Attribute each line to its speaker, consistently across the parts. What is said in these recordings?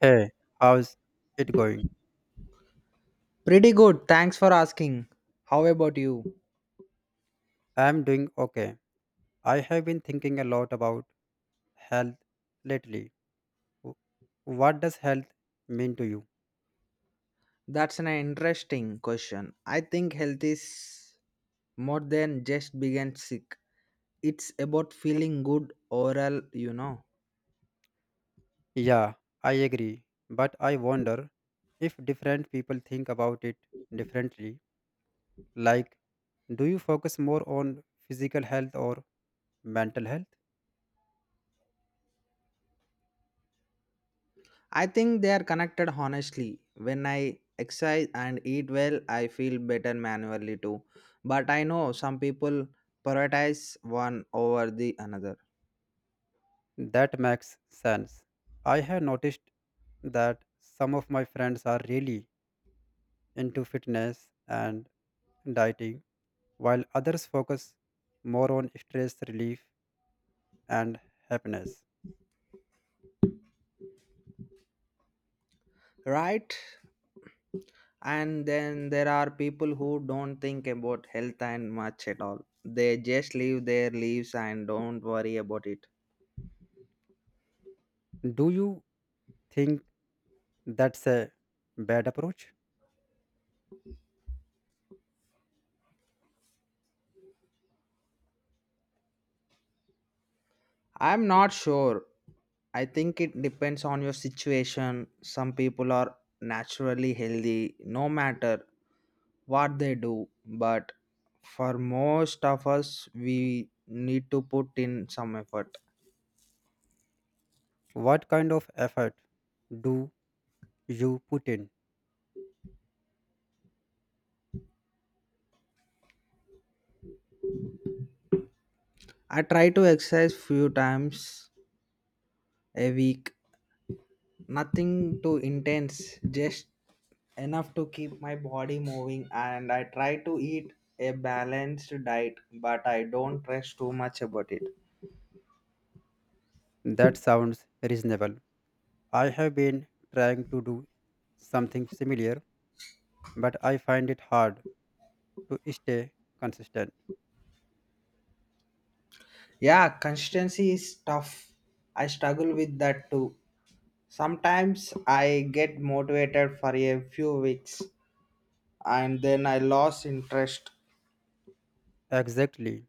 Speaker 1: Hey, how's it going?
Speaker 2: Pretty good. Thanks for asking. How about you?
Speaker 1: I'm doing okay. I have been thinking a lot about health lately. W- What does health mean to you?
Speaker 2: That's an interesting question. I think health is more than just being sick. It's about feeling good overall.
Speaker 1: Yeah, I agree. But I wonder if different people think about it differently. Like, do you focus more on physical health or mental health?
Speaker 2: I think they are connected honestly. When I exercise and eat well, I feel better manually too. But I know some people prioritize one over the another.
Speaker 1: That makes sense. I have noticed that some of my friends are really into fitness and dieting while others focus more on stress relief and happiness.
Speaker 2: Right? And then there are people who don't think about health and much at all. They just live their lives and don't worry about it.
Speaker 1: Do you think that's a bad approach?
Speaker 2: I'm not sure. I think it depends on your situation. Some people are naturally healthy no matter what they do, but for most of us, we need to put in some effort.
Speaker 1: What kind of effort do you put in?
Speaker 2: I try to exercise few times a week, nothing too intense, just enough to keep my body moving, and I try to eat a balanced diet, but I don't stress too much about it.
Speaker 1: That sounds reasonable. I have been trying to do something similar, but I find it hard to stay consistent.
Speaker 2: Yeah, consistency is tough. I struggle with that too. Sometimes I get motivated for a few weeks and then I lose interest.
Speaker 1: Exactly.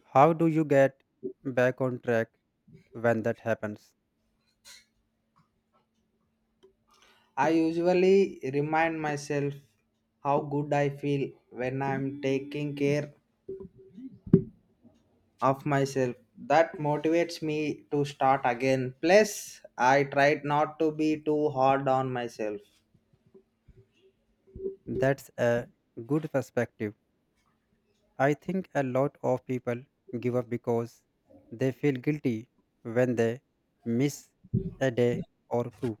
Speaker 1: How do you get back on track when that happens?
Speaker 2: I usually remind myself how good I feel when I'm taking care of myself. That motivates me to start again. Plus I tried not to be too hard on myself.
Speaker 1: That's a good perspective. I think a lot of people give up because they feel guilty when they miss a day or two.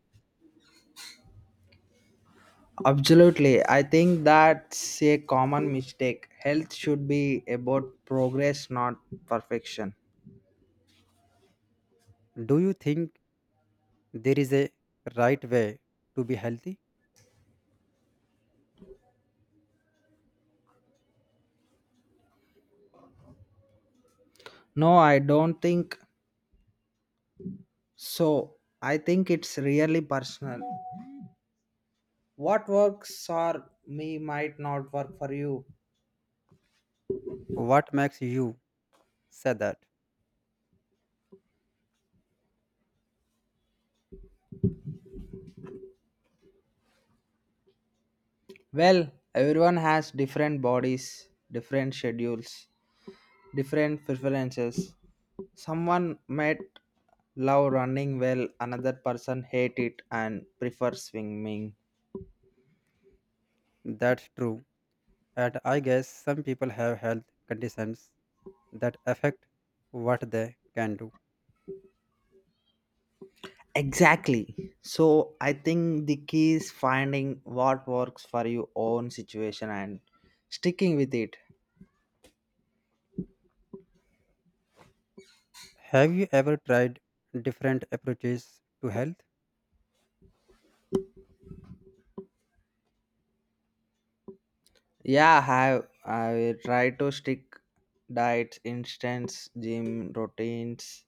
Speaker 2: Absolutely. I think that's a common mistake. Health should be about progress, not perfection.
Speaker 1: Do you think there is a right way to be healthy?
Speaker 2: No, I don't think so. I think it's really personal. What works for me might not work for you.
Speaker 1: What makes you say that?
Speaker 2: Well, everyone has different bodies, different schedules, different preferences. Someone might love running, well, another person hate it and prefer swimming.
Speaker 1: That's true. And I guess some people have health conditions that affect what they can do.
Speaker 2: Exactly. So I think the key is finding what works for your own situation and sticking with it.
Speaker 1: Have you ever tried different approaches to health?
Speaker 2: Yeah, I try to stick diets, instance, gym routines,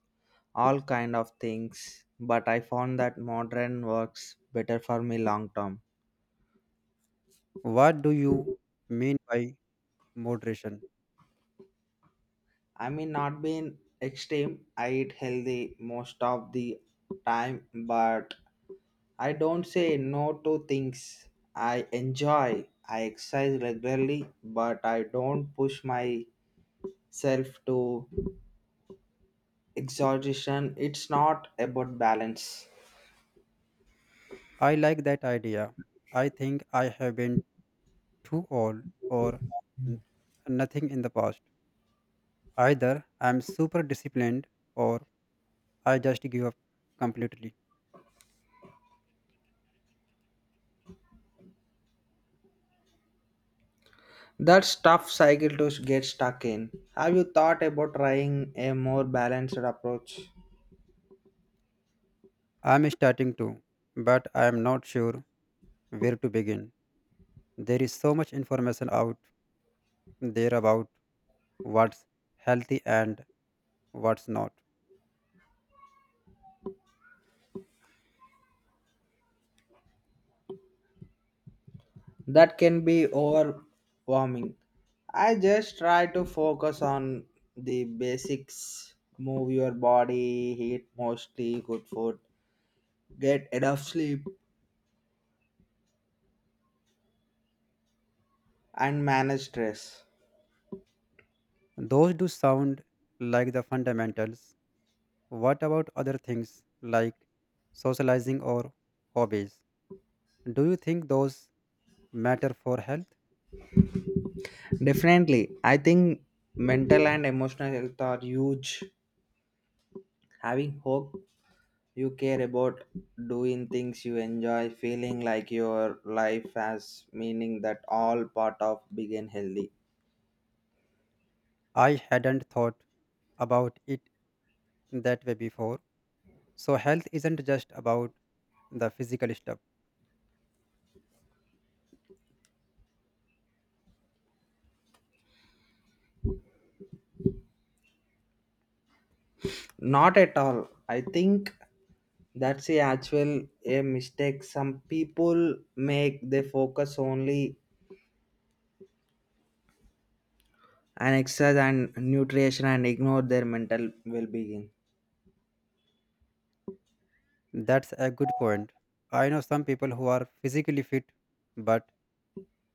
Speaker 2: all kind of things. But I found that modern works better for me long term.
Speaker 1: What do you mean by moderation?
Speaker 2: I mean, not being extreme, I eat healthy most of the time, but I don't say no to things I enjoy. I exercise regularly, but I don't push myself to exhaustion. It's not about balance.
Speaker 1: I like that idea. I think I have been too old or n- nothing in the past. Either I'm super disciplined or I just give up completely.
Speaker 2: That's tough cycle to get stuck in. Have you thought about trying a more balanced approach?
Speaker 1: I'm starting to, but I'm not sure where to begin. There is so much information out there about what's healthy and what's not.
Speaker 2: That can be overwhelming. I just try to focus on the basics: move your body, eat mostly good food, get enough sleep, and manage stress.
Speaker 1: Those do sound like the fundamentals. What about other things like socializing or hobbies? Do you think those matter for health?
Speaker 2: Definitely, I think mental and emotional health are huge. Having hope you care about doing things you enjoy, feeling like your life has meaning that all part of being healthy.
Speaker 1: I hadn't thought about it that way before. So, health isn't just about the physical stuff.
Speaker 2: Not at all. I think that's the actual a mistake some people make. They focus only on exercise and nutrition and ignore their mental well-being.
Speaker 1: That's a good point. I know some people who are physically fit but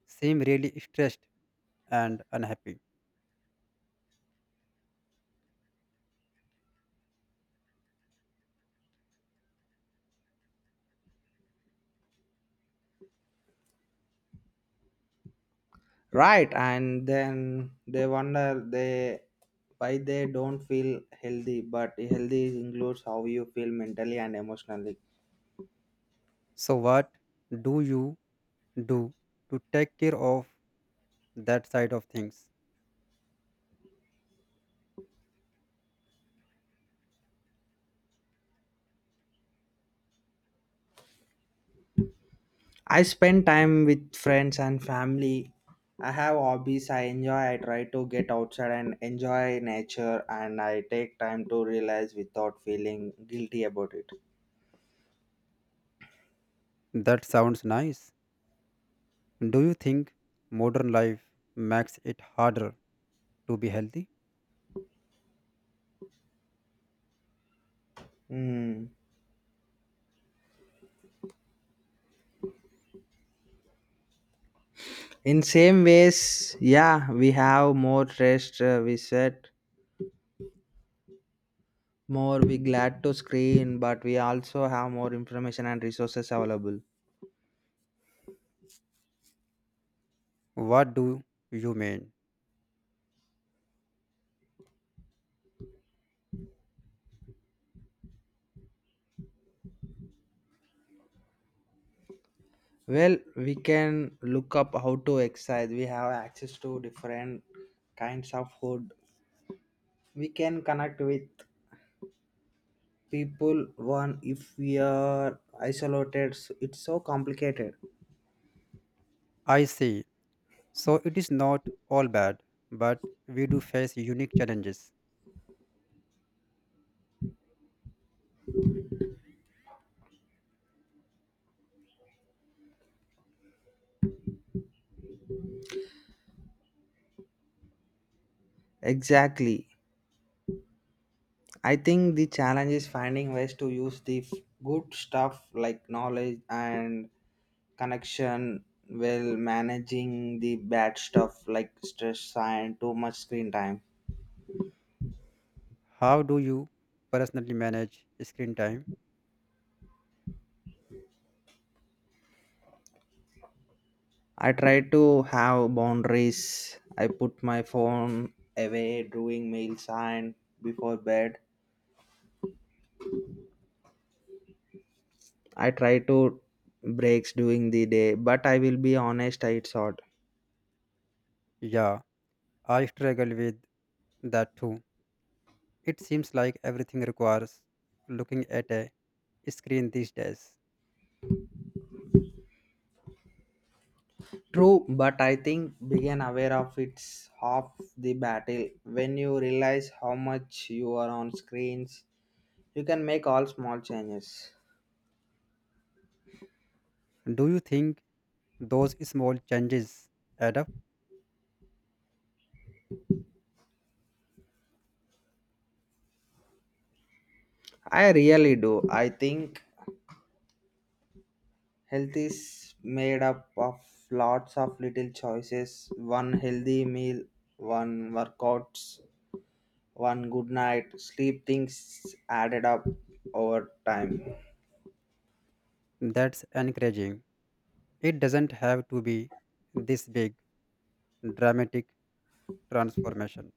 Speaker 1: seem really stressed and unhappy.
Speaker 2: Right, and then they wonder they why they don't feel healthy, but healthy includes how you feel mentally and emotionally.
Speaker 1: So, what do you do to take care of that side of things?
Speaker 2: I spend time with friends and family. I have hobbies I enjoy. I try to get outside and enjoy nature, and I take time to realize without feeling guilty about it.
Speaker 1: That sounds nice. Do you think modern life makes it harder to be healthy?
Speaker 2: Mm. In same ways, yeah, we have more rest. We set more. We glad to screen, but we also have more information and resources available.
Speaker 1: What do you mean?
Speaker 2: Well, we can look up how to exercise. We have access to different kinds of food. We can connect with people one if we are isolated it's so complicated.
Speaker 1: I see. So it is not all bad, but we do face unique challenges.
Speaker 2: Exactly. I think the challenge is finding ways to use the good stuff like knowledge and connection while managing the bad stuff like stress and too much screen time.
Speaker 1: How do you personally manage screen time?
Speaker 2: I try to have boundaries. I put my phone away during meals and before bed. I try to breaks during the day, but I will be honest, it's hard.
Speaker 1: Yeah, I struggle with that too. It seems like everything requires looking at a screen these days.
Speaker 2: True, but I think being aware of it's half the battle. When you realize how much you are on screens, you can make all small changes.
Speaker 1: Do you think those small changes add up?
Speaker 2: I really do. I think health is made up of lots of little choices. One healthy meal, one workouts, one good night, sleep things added up over time.
Speaker 1: That's encouraging. It doesn't have to be this big, dramatic transformation.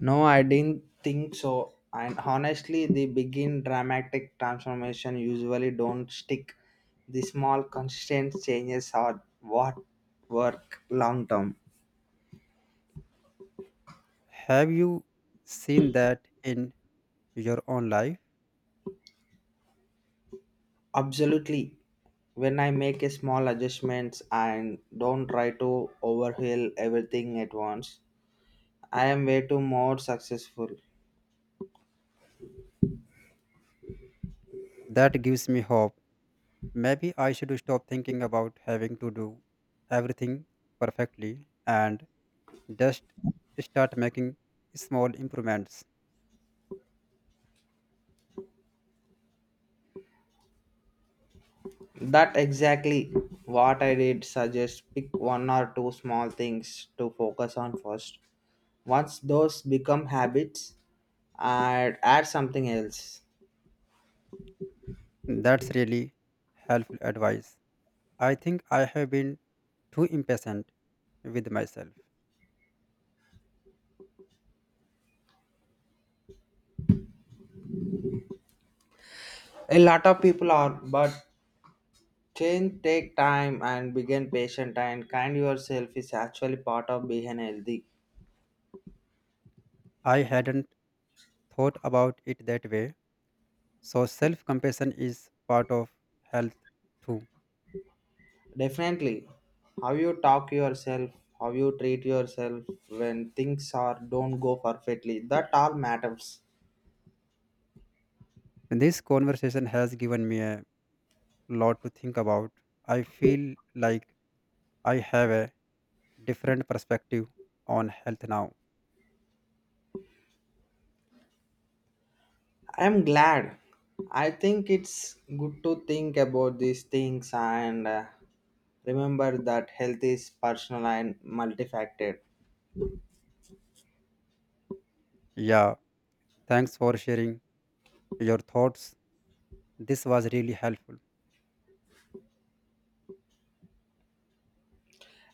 Speaker 2: No, I didn't think so. And honestly, the begin dramatic transformation usually don't stick. The small consistent changes are what work long term.
Speaker 1: Have you seen that in your own life?
Speaker 2: Absolutely. When I make a small adjustments and don't try to overhaul everything at once, I am way too more successful.
Speaker 1: That gives me hope. Maybe I should stop thinking about having to do everything perfectly and just start making small improvements.
Speaker 2: That exactly what I did suggest: pick one or two small things to focus on first. Once those become habits, I'd add something else.
Speaker 1: That's really helpful advice. I think I have been too impatient with myself.
Speaker 2: A lot of people are, but change take time and begin patient and kind yourself is actually part of being healthy.
Speaker 1: I hadn't thought about it that way. So, self compassion is part of health too.
Speaker 2: Definitely, how you talk yourself, how you treat yourself when things are don't go perfectly, that all matters.
Speaker 1: This conversation has given me a lot to think about. I feel like I have a different perspective on health now.
Speaker 2: I'm glad. I think it's good to think about these things and remember that health is personal and multifaceted.
Speaker 1: Yeah, thanks for sharing your thoughts. This was really helpful.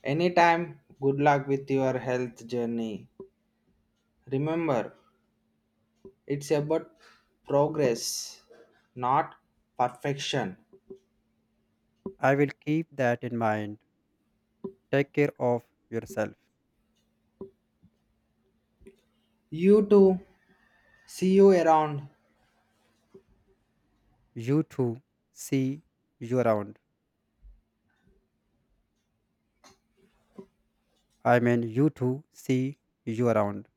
Speaker 2: Anytime, good luck with your health journey. Remember, it's about progress, not perfection.
Speaker 1: I will keep that in mind. Take care of yourself.
Speaker 2: You too. See you around.
Speaker 1: You too. See you around. I mean, you too. See you around.